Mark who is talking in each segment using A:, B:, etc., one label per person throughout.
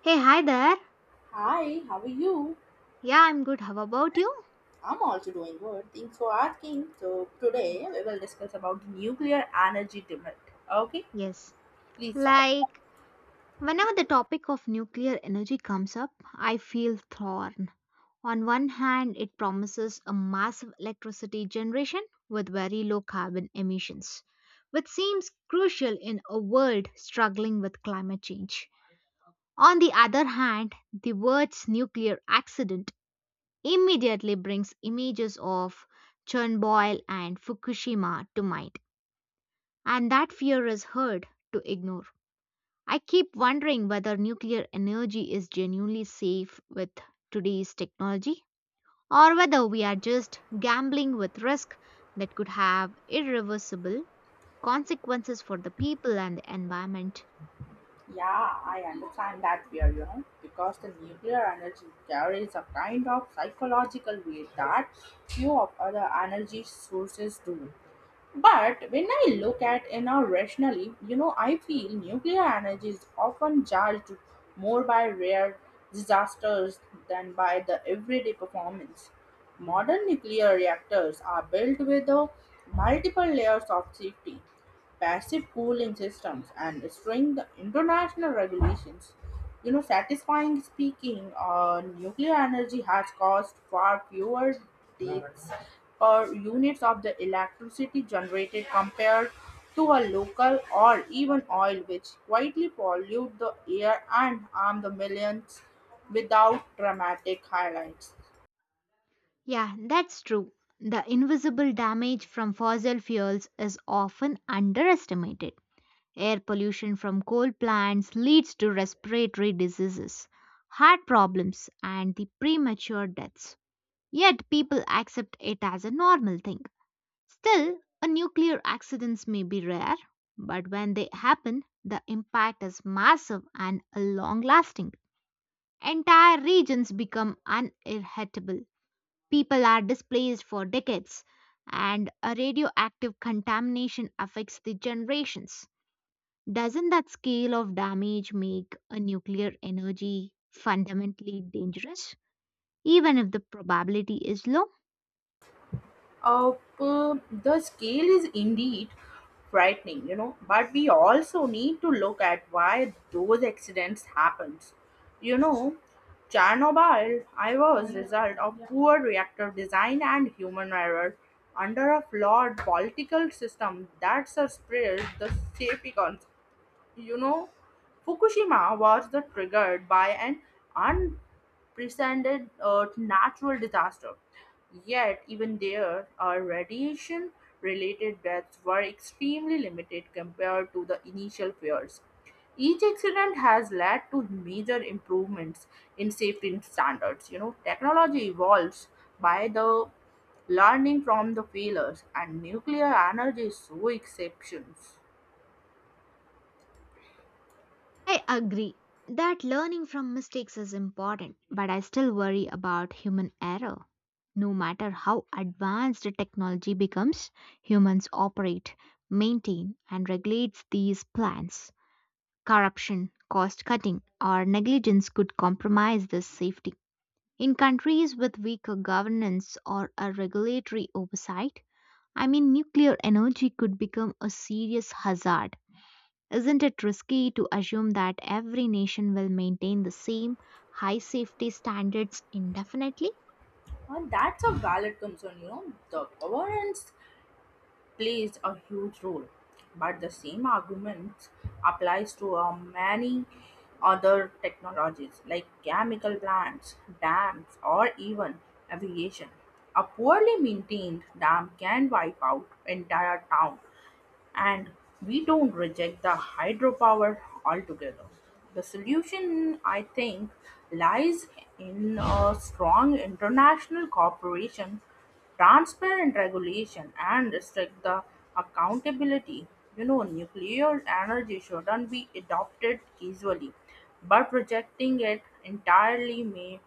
A: Hey, hi there.
B: Hi, how are you?
A: Yeah, I'm good. How about you?
B: I'm also doing good. Thanks for asking. So
A: Yes.
B: today we will discuss about the nuclear energy debate. Okay,
A: Yes.
B: please start.
A: Like, whenever the topic of nuclear energy comes up, I feel torn. On one hand, it promises a massive electricity generation with very low carbon emissions, which seems crucial in a world struggling with climate change. On the other hand, the words nuclear accident immediately brings images of Chernobyl and Fukushima to mind and that fear is hard to ignore. I keep wondering whether nuclear energy is genuinely safe with today's technology or whether we are just gambling with risk that could have irreversible consequences for the people and the environment.
B: Yeah, I understand that fear, you know, because the nuclear energy carries a kind of psychological weight that few of other energy sources do. But when I look at it now rationally, you know, I feel nuclear energy is often judged more by rare disasters than by the everyday performance. Modern nuclear reactors are built with multiple layers of safety, passive cooling systems, and stringent international regulations. You know, satisfying speaking, nuclear energy has caused far fewer deaths or units of the electricity generated compared to a local or even oil which quietly pollute the air and harm the millions without dramatic highlights.
A: Yeah, that's true. The invisible damage from fossil fuels is often underestimated. Air pollution from coal plants leads to respiratory diseases, heart problems, and the premature deaths. Yet people accept it as a normal thing. Still, a nuclear accidents may be rare, but when they happen, the impact is massive and long lasting. Entire regions become uninhabitable. People are displaced for decades, and a radioactive contamination affects the generations. Doesn't that scale of damage make a nuclear energy fundamentally dangerous, even if the probability is low?
B: Of The scale is indeed frightening, you know, but we also need to look at why those accidents happens. You know, chernobyl I was result of poor reactor design and human error under a flawed political system that suppressed the safety concerns. You know, fukushima was the triggered by an presented a natural disaster. Yet, even there, our radiation related deaths were extremely limited compared to the initial fears. Each accident has led to major improvements in safety standards. You know, technology evolves by the learning from the failures, and nuclear energy is so exceptions.
A: I agree that learning from mistakes is important, but I still worry about human error. No matter how advanced the technology becomes, humans operate, maintain, and regulate these plants. Corruption, cost cutting, or negligence could compromise this safety. In countries with weaker governance or a regulatory oversight, I mean, nuclear energy could become a serious hazard. Isn't it risky to assume that every nation will maintain the same high safety standards indefinitely?
B: And that's a valid concern, you know. The governance plays a huge role. But the same argument applies to many other technologies like chemical plants, dams, or even aviation. A poorly maintained dam can wipe out entire town and we don't reject the hydropower altogether. The solution, I think, lies in a strong international cooperation, transparent regulation, and strict the accountability. You know, nuclear energy shouldn't be adopted easily, but rejecting it entirely may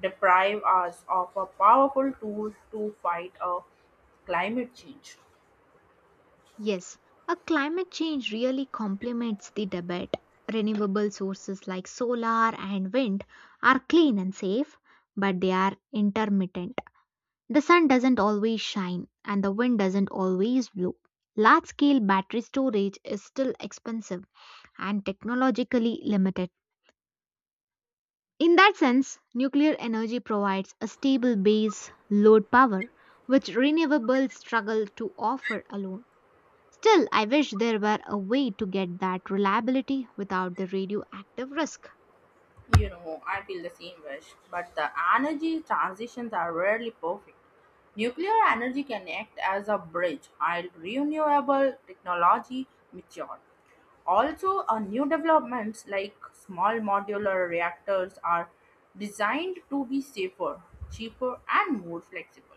B: deprive us of a powerful tool to fight a climate change.
A: Yes, a climate change really complements the debate. Renewable sources like solar and wind are clean and safe, but they are intermittent. The sun doesn't always shine and the wind doesn't always blow. Large scale battery storage is still expensive and technologically limited. In that sense, nuclear energy provides a stable base load power, which renewables struggle to offer alone. Still, I wish there were a way to get that reliability without the radioactive risk.
B: You know, I feel the same wish, but the energy transitions are rarely perfect. Nuclear energy can act as a bridge while renewable technology mature. Also, new developments like small modular reactors are designed to be safer, cheaper, and more flexible.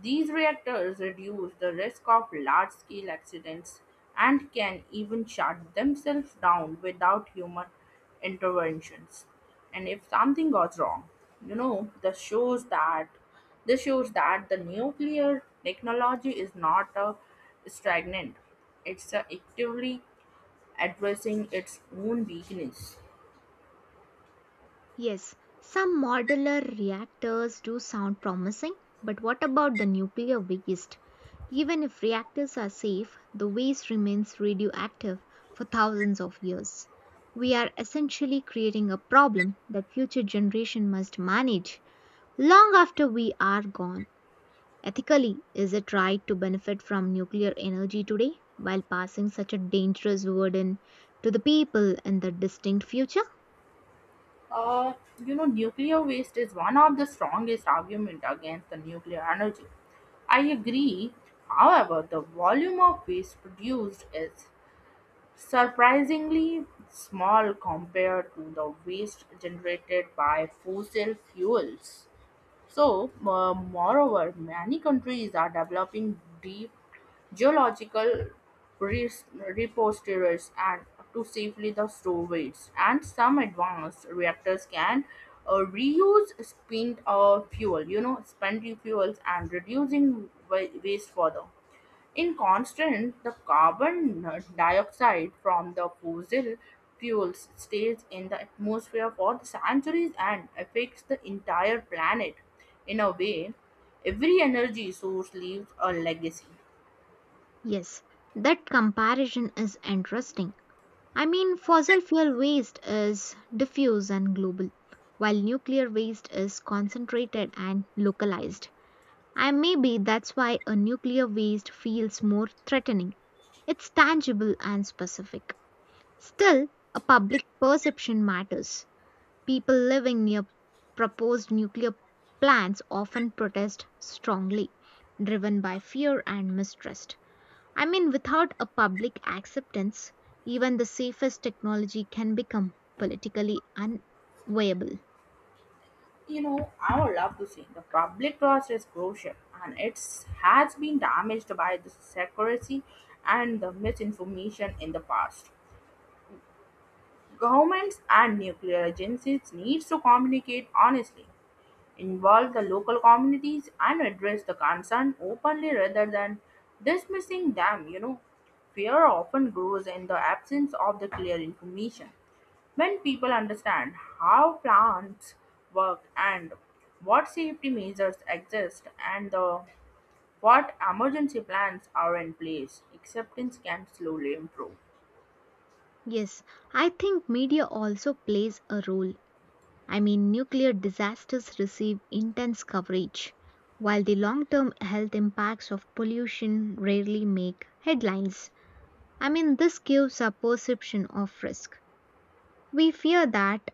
B: These reactors reduce the risk of large scale accidents and can even shut themselves down without human interventions. And if something goes wrong, you know, this shows that the nuclear technology is not a stagnant. It's a actively addressing its own weakness.
A: Yes, some modular reactors do sound promising, but what about the nuclear waste? Even if reactors are safe, the waste remains radioactive for thousands of years. We are essentially creating a problem that future generation must manage long after we are gone. Ethically, is it right to benefit from nuclear energy today while passing such a dangerous burden to the people in the distant future?
B: Uh, you know, nuclear waste is one of the strongest argument against the nuclear energy. I agree. However, the volume of waste produced is surprisingly small compared to the waste generated by fossil fuels. So, moreover, many countries are developing deep geological res- repositories and to safely the store waste, and some advanced reactors can reuse spent fuel, you know, spent fuels and reducing waste further. In constant, the carbon dioxide from the fossil fuels stays in the atmosphere for the centuries and affects the entire planet. In a way, every energy source leaves a legacy.
A: Yes, that comparison is interesting. I mean, fossil fuel waste is diffuse and global, while nuclear waste is concentrated and localized. And maybe that's why a nuclear waste feels more threatening. It's tangible and specific. Still, a public perception matters. People living near proposed nuclear plants often protest strongly, driven by fear and mistrust. I mean, without a public acceptance, even the safest technology can become politically unviable.
B: You know, I would love to see the public trust is crucial, and it has been damaged by the secrecy and the misinformation in the past. Governments and nuclear agencies need to communicate honestly, involve the local communities, and address the concern openly rather than dismissing them. You know, fear often grows in the absence of the clear information. When people understand how plants work and what safety measures exist, and what emergency plans are in place, acceptance can slowly improve.
A: Yes, I think media also plays a role. I mean, nuclear disasters receive intense coverage, while the long term health impacts of pollution rarely make headlines. I mean, this gives a perception of risk. We fear that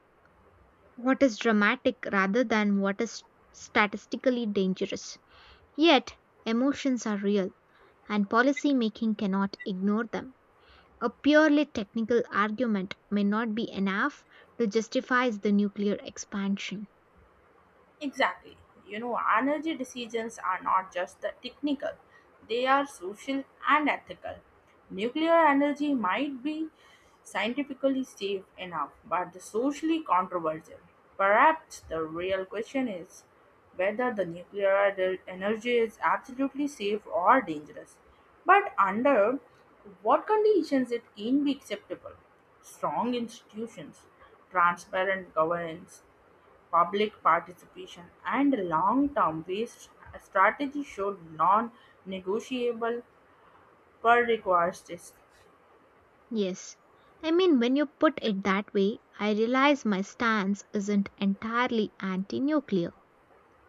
A: what is dramatic rather than what is statistically dangerous. Yet, emotions are real, and policy making cannot ignore them. A purely technical argument may not be enough to justify the nuclear expansion.
B: Exactly. You know, energy decisions are not just the technical, they are social and ethical. Nuclear energy might be scientifically safe enough, but the socially controversial. Perhaps the real question is whether the energy is absolutely safe or dangerous, but under what conditions it can be acceptable. Strong institutions, transparent governance, public participation, and long term waste strategy showed non negotiable per requires risk.
A: Yes, I mean, when you put it that way, I realize my stance isn't entirely anti nuclear.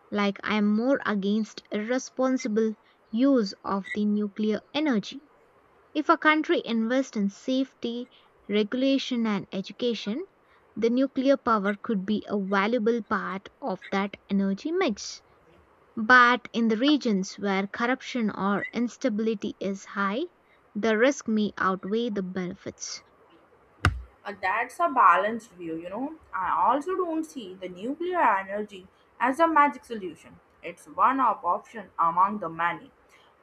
A: Like, I am more against irresponsible use of the nuclear energy. If a country invests in safety, regulation, and education, the nuclear power could be a valuable part of that energy mix. But in the regions where corruption or instability is high, the risk may outweigh the benefits.
B: That's a balanced view, you know. I also don't see the nuclear energy as a magic solution. It's one of option among the many,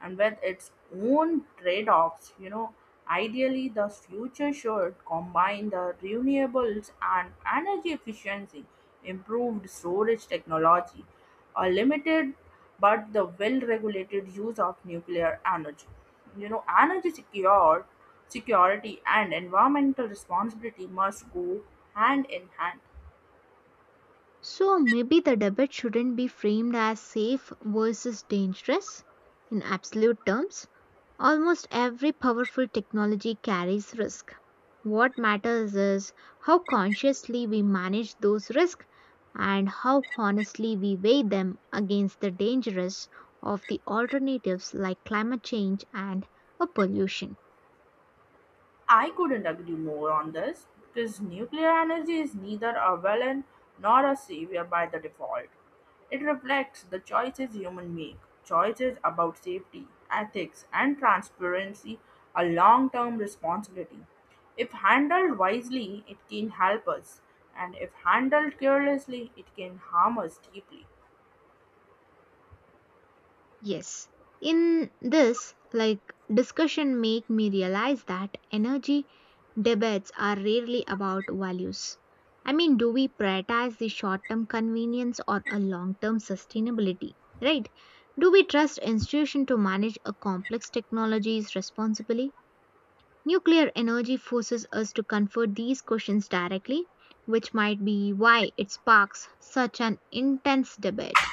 B: and with its own trade-offs, you know. Ideally, the future should combine the renewables and energy efficiency, improved storage technology, a limited but the well-regulated use of nuclear energy. You know, energy secure security and environmental responsibility must go hand in hand.
A: So maybe the debate shouldn't be framed as safe versus dangerous. In absolute terms, almost every powerful technology carries risk. What matters is how consciously we manage those risks and how honestly we weigh them against the dangers of the alternatives like climate change and pollution.
B: I couldn't agree more on this, because nuclear energy is neither a villain nor a savior by the default. It reflects the choices humans make, choices about safety, ethics, and transparency, a long-term responsibility. If handled wisely, it can help us, and if handled carelessly, it can harm us deeply.
A: Yes. In this, like, discussion make me realize that energy debates are rarely about values. I mean, do we prioritize the short-term convenience or a long-term sustainability, right? Do we trust institution to manage a complex technologies responsibly? Nuclear energy forces us to confront these questions directly, which might be why it sparks such an intense debate.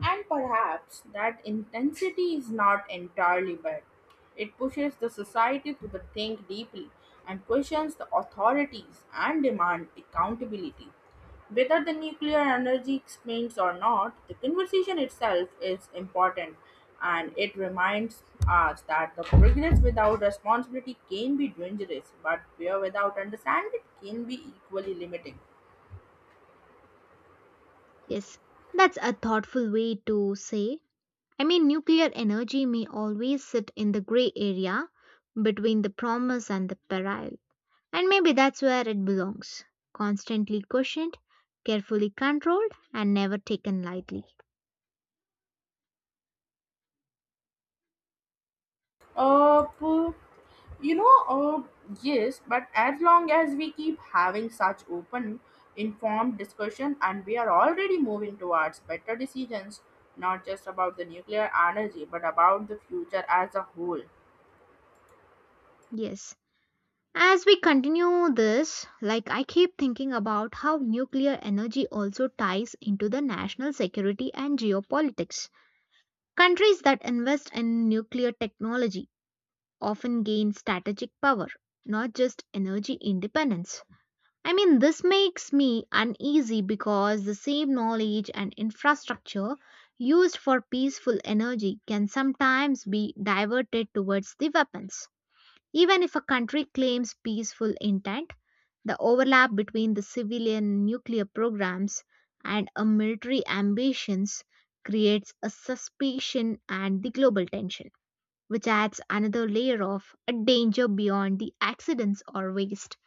B: And perhaps that intensity is not entirely bad. It pushes the society to the think deeply and questions the authorities and demand accountability. Whether the nuclear energy expands or not, the conversation itself is important, and it reminds us that the progress without responsibility can be dangerous, but fear without understanding can be equally limiting.
A: Yes, that's a thoughtful way to say. I mean, nuclear energy may always sit in the gray area between the promise and the peril. And maybe that's where it belongs constantly questioned, carefully controlled, and never taken lightly.
B: Uh, p- you know, uh, yes, but as long as we keep having such open, informed discussion, and we are already moving towards better decisions, not just about the nuclear energy, but about the future as a whole.
A: Yes. As we continue this, like I keep thinking about how nuclear energy also ties into the national security and geopolitics. Countries that invest in nuclear technology often gain strategic power, not just energy independence. I mean, this makes me uneasy because the same knowledge and infrastructure used for peaceful energy can sometimes be diverted towards the weapons. Even if a country claims peaceful intent, the overlap between the civilian nuclear programs and a military ambitions creates a suspicion and the global tension which adds another layer of a danger beyond the accidents or waste.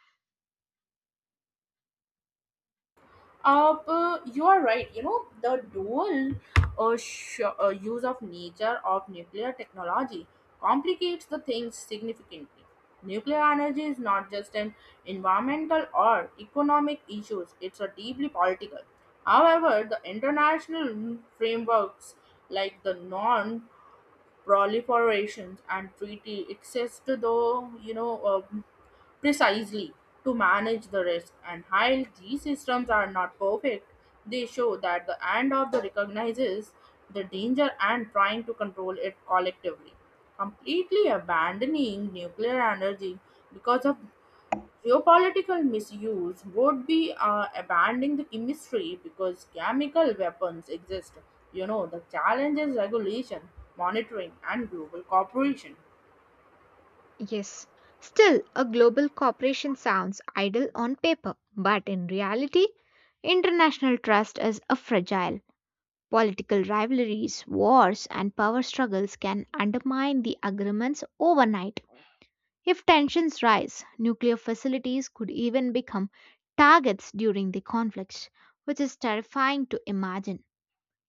B: But you are right. You know, the dual use of nature of nuclear technology complicates the things significantly. Nuclear energy is not just an environmental or economic issue, it's a deeply political. However, the international frameworks like the non proliferation and treaty exist though, you know, precisely to manage the risk. And while these systems are not perfect, they show that the end of the recognizes the danger and trying to control it collectively. Completely abandoning nuclear energy because of geopolitical misuse would be abandoning the chemistry because chemical weapons exist. You know, the challenge is regulation, monitoring, and global cooperation.
A: Yes, still, a global cooperation sounds ideal on paper, but in reality, international trust is a fragile. Political rivalries, wars, and power struggles can undermine the agreements overnight. If tensions rise, nuclear facilities could even become targets during the conflicts, which is terrifying to imagine.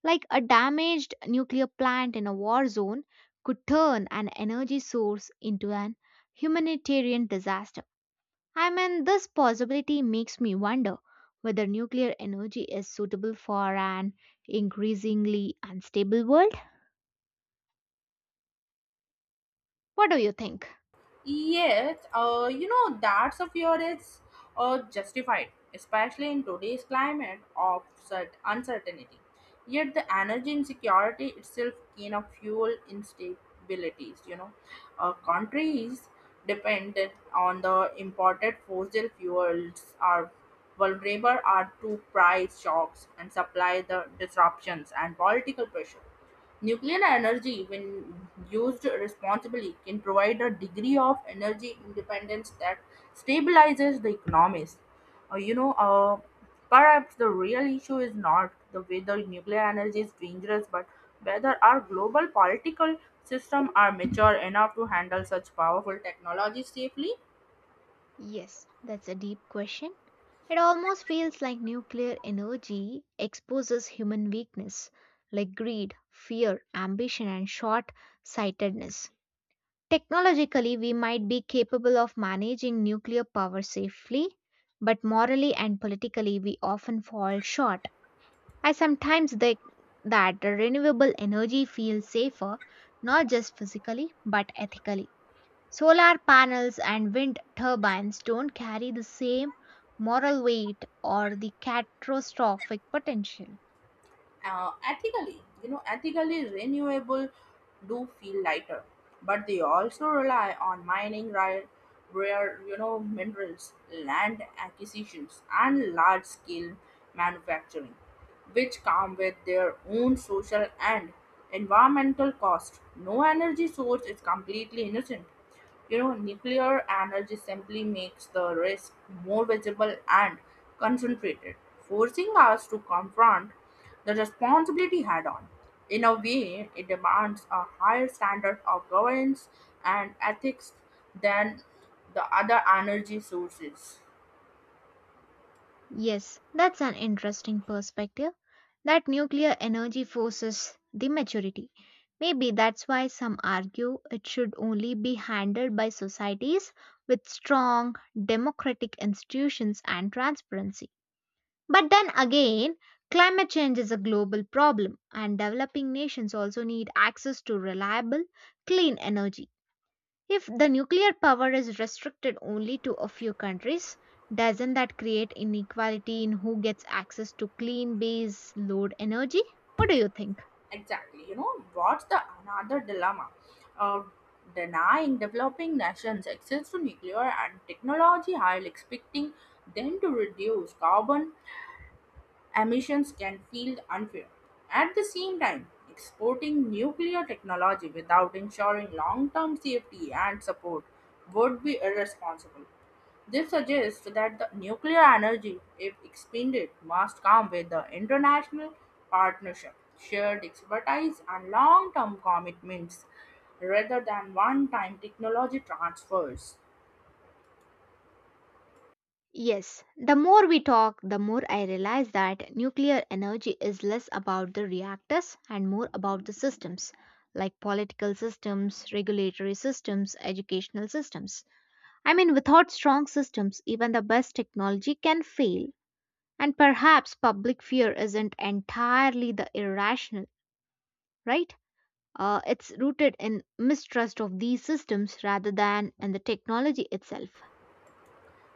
A: Like a damaged nuclear plant in a war zone could turn an energy source into an humanitarian disaster. I mean, this possibility makes me wonder whether nuclear energy is suitable for an increasingly unstable world. What do you think?
B: That's of your it's justified, especially in today's climate of uncertainty. Yet, the energy insecurity itself can of fuel instabilities. You know, countries dependent on the imported fossil fuels are vulnerable are to price shocks and supply the disruptions and political pressure. Nuclear energy, when used responsibly, can provide a degree of energy independence that stabilizes the economies. Uh, you know, uh, Perhaps the real issue is not the whether nuclear energy is dangerous, but whether our global political system are mature enough to handle such powerful technology safely.
A: Yes, that's a deep question. It almost feels like nuclear energy exposes human weakness like greed, fear, ambition, and short sightedness. Technologically, we might be capable of managing nuclear power safely, but morally and politically, we often fall short. I sometimes think that the renewable energy feels safer, not just physically, but ethically. Solar panels and wind turbines don't carry the same moral weight or the catastrophic potential.
B: Ethically, you know, ethically renewable do feel lighter, but they also rely on mining rare, you know, minerals, land acquisitions, and large scale manufacturing, which come with their own social and environmental cost. No energy source is completely innocent. You know, nuclear energy simply makes the risk more visible and concentrated, forcing us to confront the responsibility had on. In a way, it demands a higher standard of governance and ethics than the other energy sources.
A: Yes, that's an interesting perspective. That nuclear energy forces the maturity. Maybe that's why some argue it should only be handled by societies with strong democratic institutions and transparency. But then again, climate change is a global problem, and developing nations also need access to reliable, clean energy. If the nuclear power is restricted only to a few countries, doesn't that create inequality in who gets access to clean base load energy? What do you think?
B: Exactly. You know, what's the another dilemma? Uh, Denying developing nations access to nuclear and technology while expecting them to reduce carbon emissions can feel unfair. At the same time, exporting nuclear technology without ensuring long term safety and support would be irresponsible. This suggests that the nuclear energy, if expanded, must come with the international partnership, shared expertise, and long term commitments rather than one time technology transfers.
A: Yes, the more we talk, the more I realize that nuclear energy is less about the reactors and more about the systems, like political systems, regulatory systems, educational systems. I mean, without strong systems, even the best technology can fail. And perhaps public fear isn't entirely the irrational, right? It's rooted in mistrust of these systems rather than in the technology itself.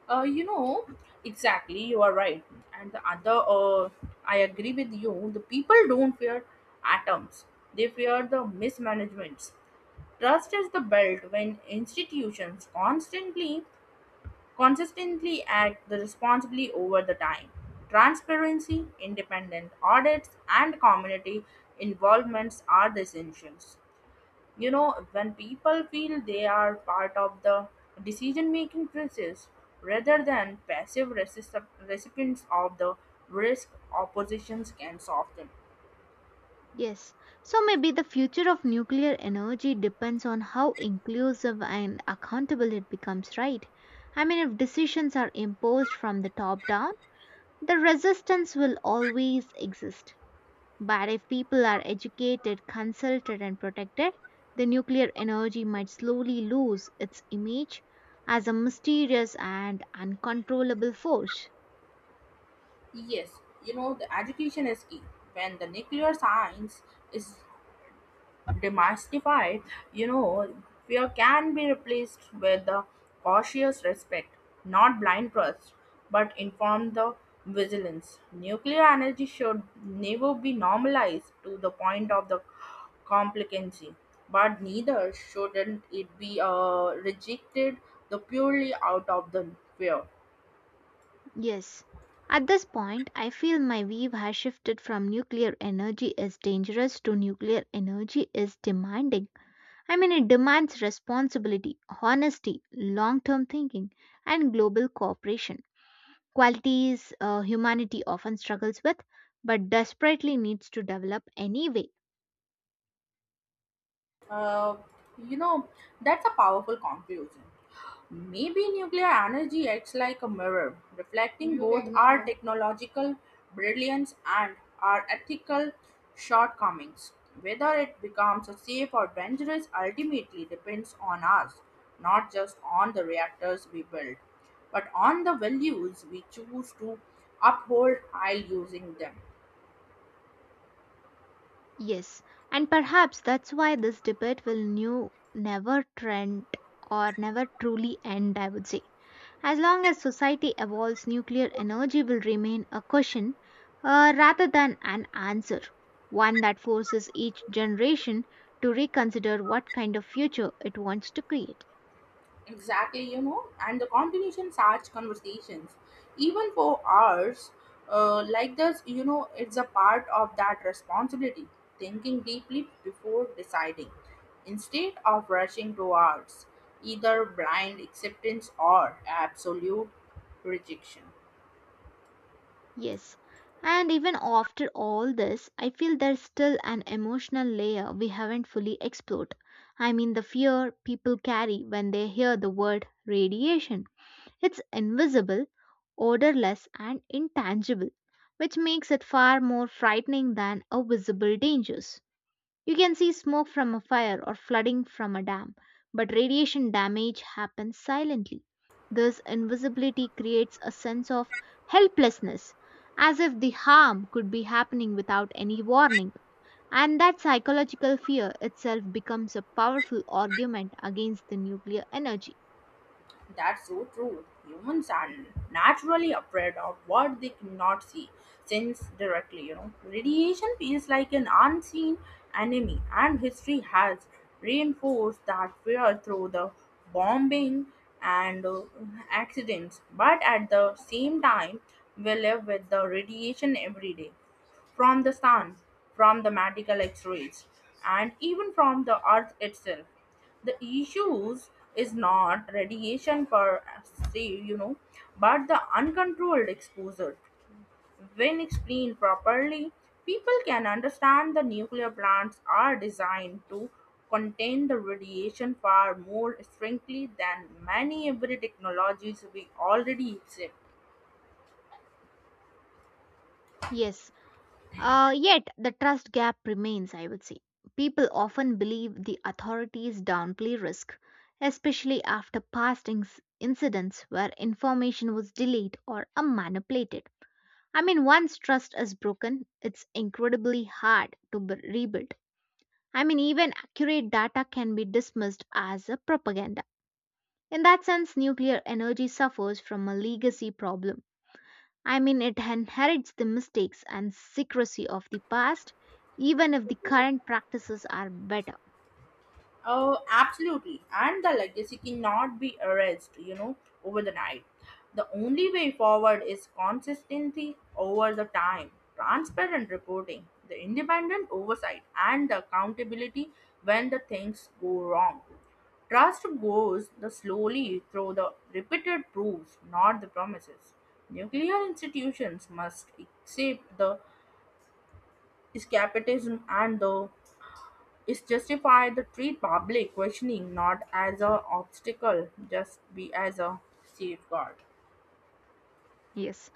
B: You know, exactly, you are right. And the other, I agree with you, the people don't fear atoms, they fear the mismanagements. Trust is the belt when institutions consistently act the responsibly over the time. Transparency, independent audits, and community involvements are the essentials. You know, when people feel they are part of the decision making process rather than passive recipients of the risk, oppositions can soften.
A: Yes. So maybe the future of nuclear energy depends on how inclusive and accountable it becomes, right? I mean, if decisions are imposed from the top down, the resistance will always exist. But if people are educated, consulted, and protected, the nuclear energy might slowly lose its image as a mysterious and uncontrollable force.
B: Yes, you know, the education is key. When the nuclear science is demystified, you know, fear can be replaced with a cautious respect, not blind trust, but informed the vigilance. Nuclear energy should never be normalized to the point of the complicancy, but neither shouldn't it be rejected the purely out of the fear.
A: Yes, at this point, I feel my view has shifted from nuclear energy is dangerous to nuclear energy is demanding. I mean, it demands responsibility, honesty, long term thinking, and global cooperation. Qualities humanity often struggles with but desperately needs to develop anyway.
B: Uh, you know, that's a powerful conclusion. Maybe nuclear energy acts like a mirror, reflecting both our technological brilliance and our ethical shortcomings. Whether it becomes a safe or dangerous ultimately depends on us, not just on the reactors we build, but on the values we choose to uphold while using them.
A: Yes, and perhaps that's why this debate will never trend or never truly end, I would say. As long as society evolves, nuclear energy will remain a question rather than an answer, one that forces each generation to reconsider what kind of future it wants to create.
B: Exactly, you know, and the continuation such conversations, even for hours, like this, you know, it's a part of that responsibility, thinking deeply before deciding, instead of rushing towards either blind acceptance or absolute rejection.
A: Yes. And even after all this, I feel there's still an emotional layer we haven't fully explored. I mean, the fear people carry when they hear the word radiation. It's invisible, odorless, and intangible, which makes it far more frightening than a visible danger. You can see smoke from a fire or flooding from a dam, but radiation damage happens silently. This invisibility creates a sense of helplessness, as if the harm could be happening without any warning. And that psychological fear itself becomes a powerful argument against the nuclear energy.
B: That's so true. Humans are naturally afraid of what they cannot see, sense directly, you know. Radiation feels like an unseen enemy, and history has reinforced that fear through the bombing and accidents. But at the same time, we live with the radiation every day, from the sun, from the medical x rays, and even from the earth itself. The issues is not radiation per se, you know, but the uncontrolled exposure. When explained properly, people can understand the nuclear plants are designed to contain the radiation far more strictly than many every technologies we already accept.
A: Yes, yet, the trust gap remains, I would say. People often believe the authorities downplay risk, especially after past incidents where information was delayed or manipulated. I mean, once trust is broken, it's incredibly hard to rebuild. I mean, even accurate data can be dismissed as a propaganda. In that sense, nuclear energy suffers from a legacy problem. I mean, it inherits the mistakes and secrecy of the past, even if the current practices are better.
B: Oh, absolutely. And the legacy cannot be erased, you know, over the night. The only way forward is consistency over the time, transparent reporting, the independent oversight, and the accountability when the things go wrong. Trust goes the slowly through the repeated proofs, not the promises. Nuclear institutions must accept the escapism and the is justified to treat public questioning not as an obstacle just be as a safeguard.
A: Yes.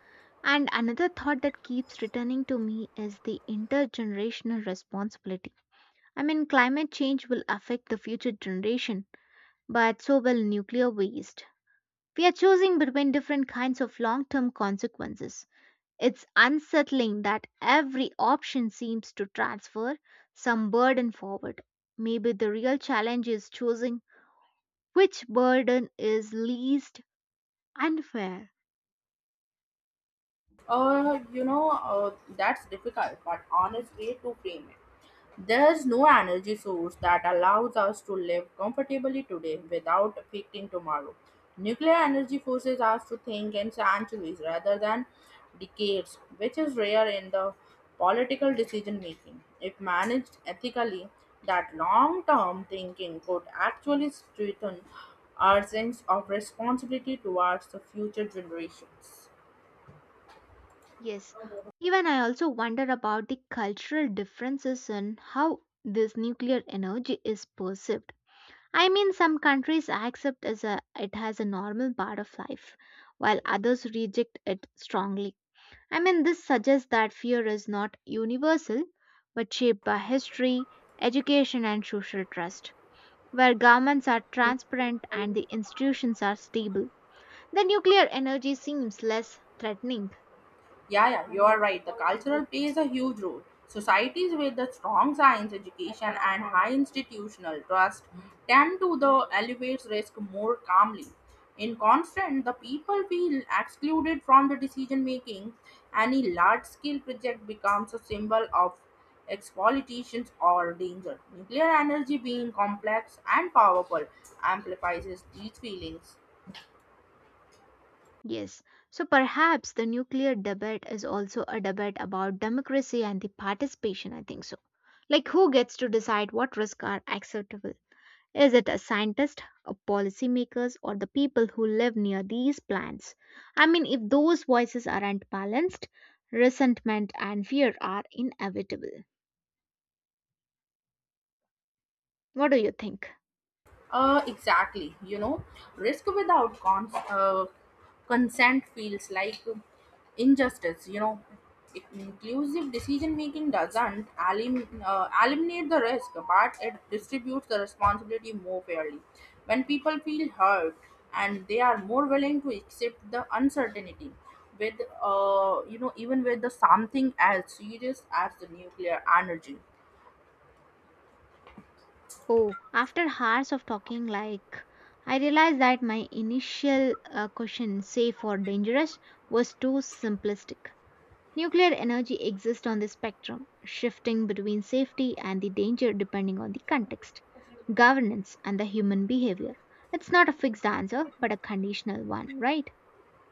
A: And another thought that keeps returning to me is the intergenerational responsibility. I mean, climate change will affect the future generation, but so will nuclear waste. We are choosing between different kinds of long term consequences. It's unsettling that every option seems to transfer some burden forward. Maybe the real challenge is choosing which burden is least unfair.
B: Uh, you know, uh, that's difficult, but honest way to frame it. There's no energy source that allows us to live comfortably today without affecting tomorrow. Nuclear energy forces us to think in centuries rather than decades, which is rare in the political decision making. If managed ethically, that long term thinking could actually strengthen our sense of responsibility towards the future generations.
A: Yes, even I also wonder about the cultural differences in how this nuclear energy is perceived. I mean, some countries accept as a, it as a normal part of life, while others reject it strongly. I mean, this suggests that fear is not universal, but shaped by history, education, and social trust. Where governments are transparent and the institutions are stable, the nuclear energy seems less threatening.
B: Yeah, yeah, you are right. The cultural plays a huge role. Societies with a strong science education and high institutional trust tend to the elevates risk more calmly. In constant, the people feel excluded from the decision making. Any large scale project becomes a symbol of exploitations or danger. Nuclear energy being complex and powerful amplifies these feelings.
A: Yes, so perhaps the nuclear debate is also a debate about democracy and the participation, I think so. Like, who gets to decide what risks are acceptable? Is it a scientist, a policymakers, or the people who live near these plants? I mean, if those voices aren't balanced, resentment and fear are inevitable. What do you think?
B: Exactly. You know, risk without consent feels like injustice. You know, inclusive decision making doesn't eliminate the risk, but it distributes the responsibility more fairly. When people feel hurt and they are more willing to accept the uncertainty, with you know, even with the something as serious as the nuclear energy.
A: Oh, after hours of talking, like I realized that my initial question, safe or dangerous, was too simplistic. Nuclear energy exists on the spectrum, shifting between safety and the danger depending on the context, governance, and the human behavior. It's not a fixed answer, but a conditional one, right?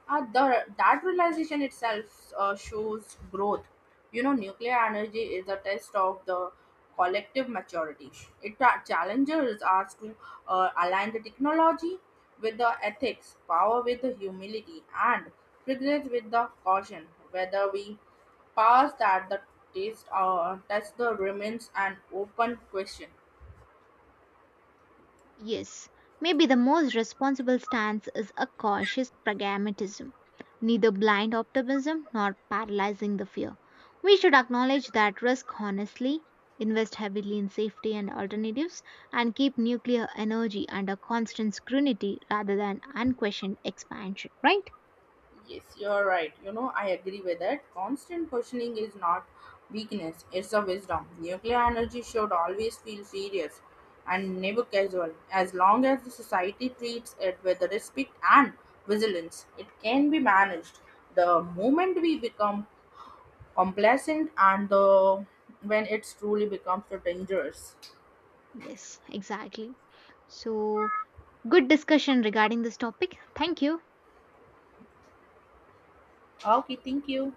B: That realization itself shows growth. You know, nuclear energy is a test of the collective maturity. It challenges us to align the technology with the ethics, power with the humility, and progress with the caution. Whether we pass that the taste or test the remains an open question.
A: Yes, maybe the most responsible stance is a cautious pragmatism, neither blind optimism nor paralyzing the fear. We should acknowledge that risk honestly, invest heavily in safety and alternatives, and keep nuclear energy under constant scrutiny rather than unquestioned expansion, right?
B: Yes, you're right. You know, I agree with that. Constant questioning is not weakness, it's a wisdom. Nuclear energy should always feel serious and never casual. As long as the society treats it with respect and vigilance, it can be managed. The moment we become complacent and the when it's truly becomes dangerous.
A: Yes, exactly. So, good discussion regarding this topic. Thank you.
B: Okay, thank you.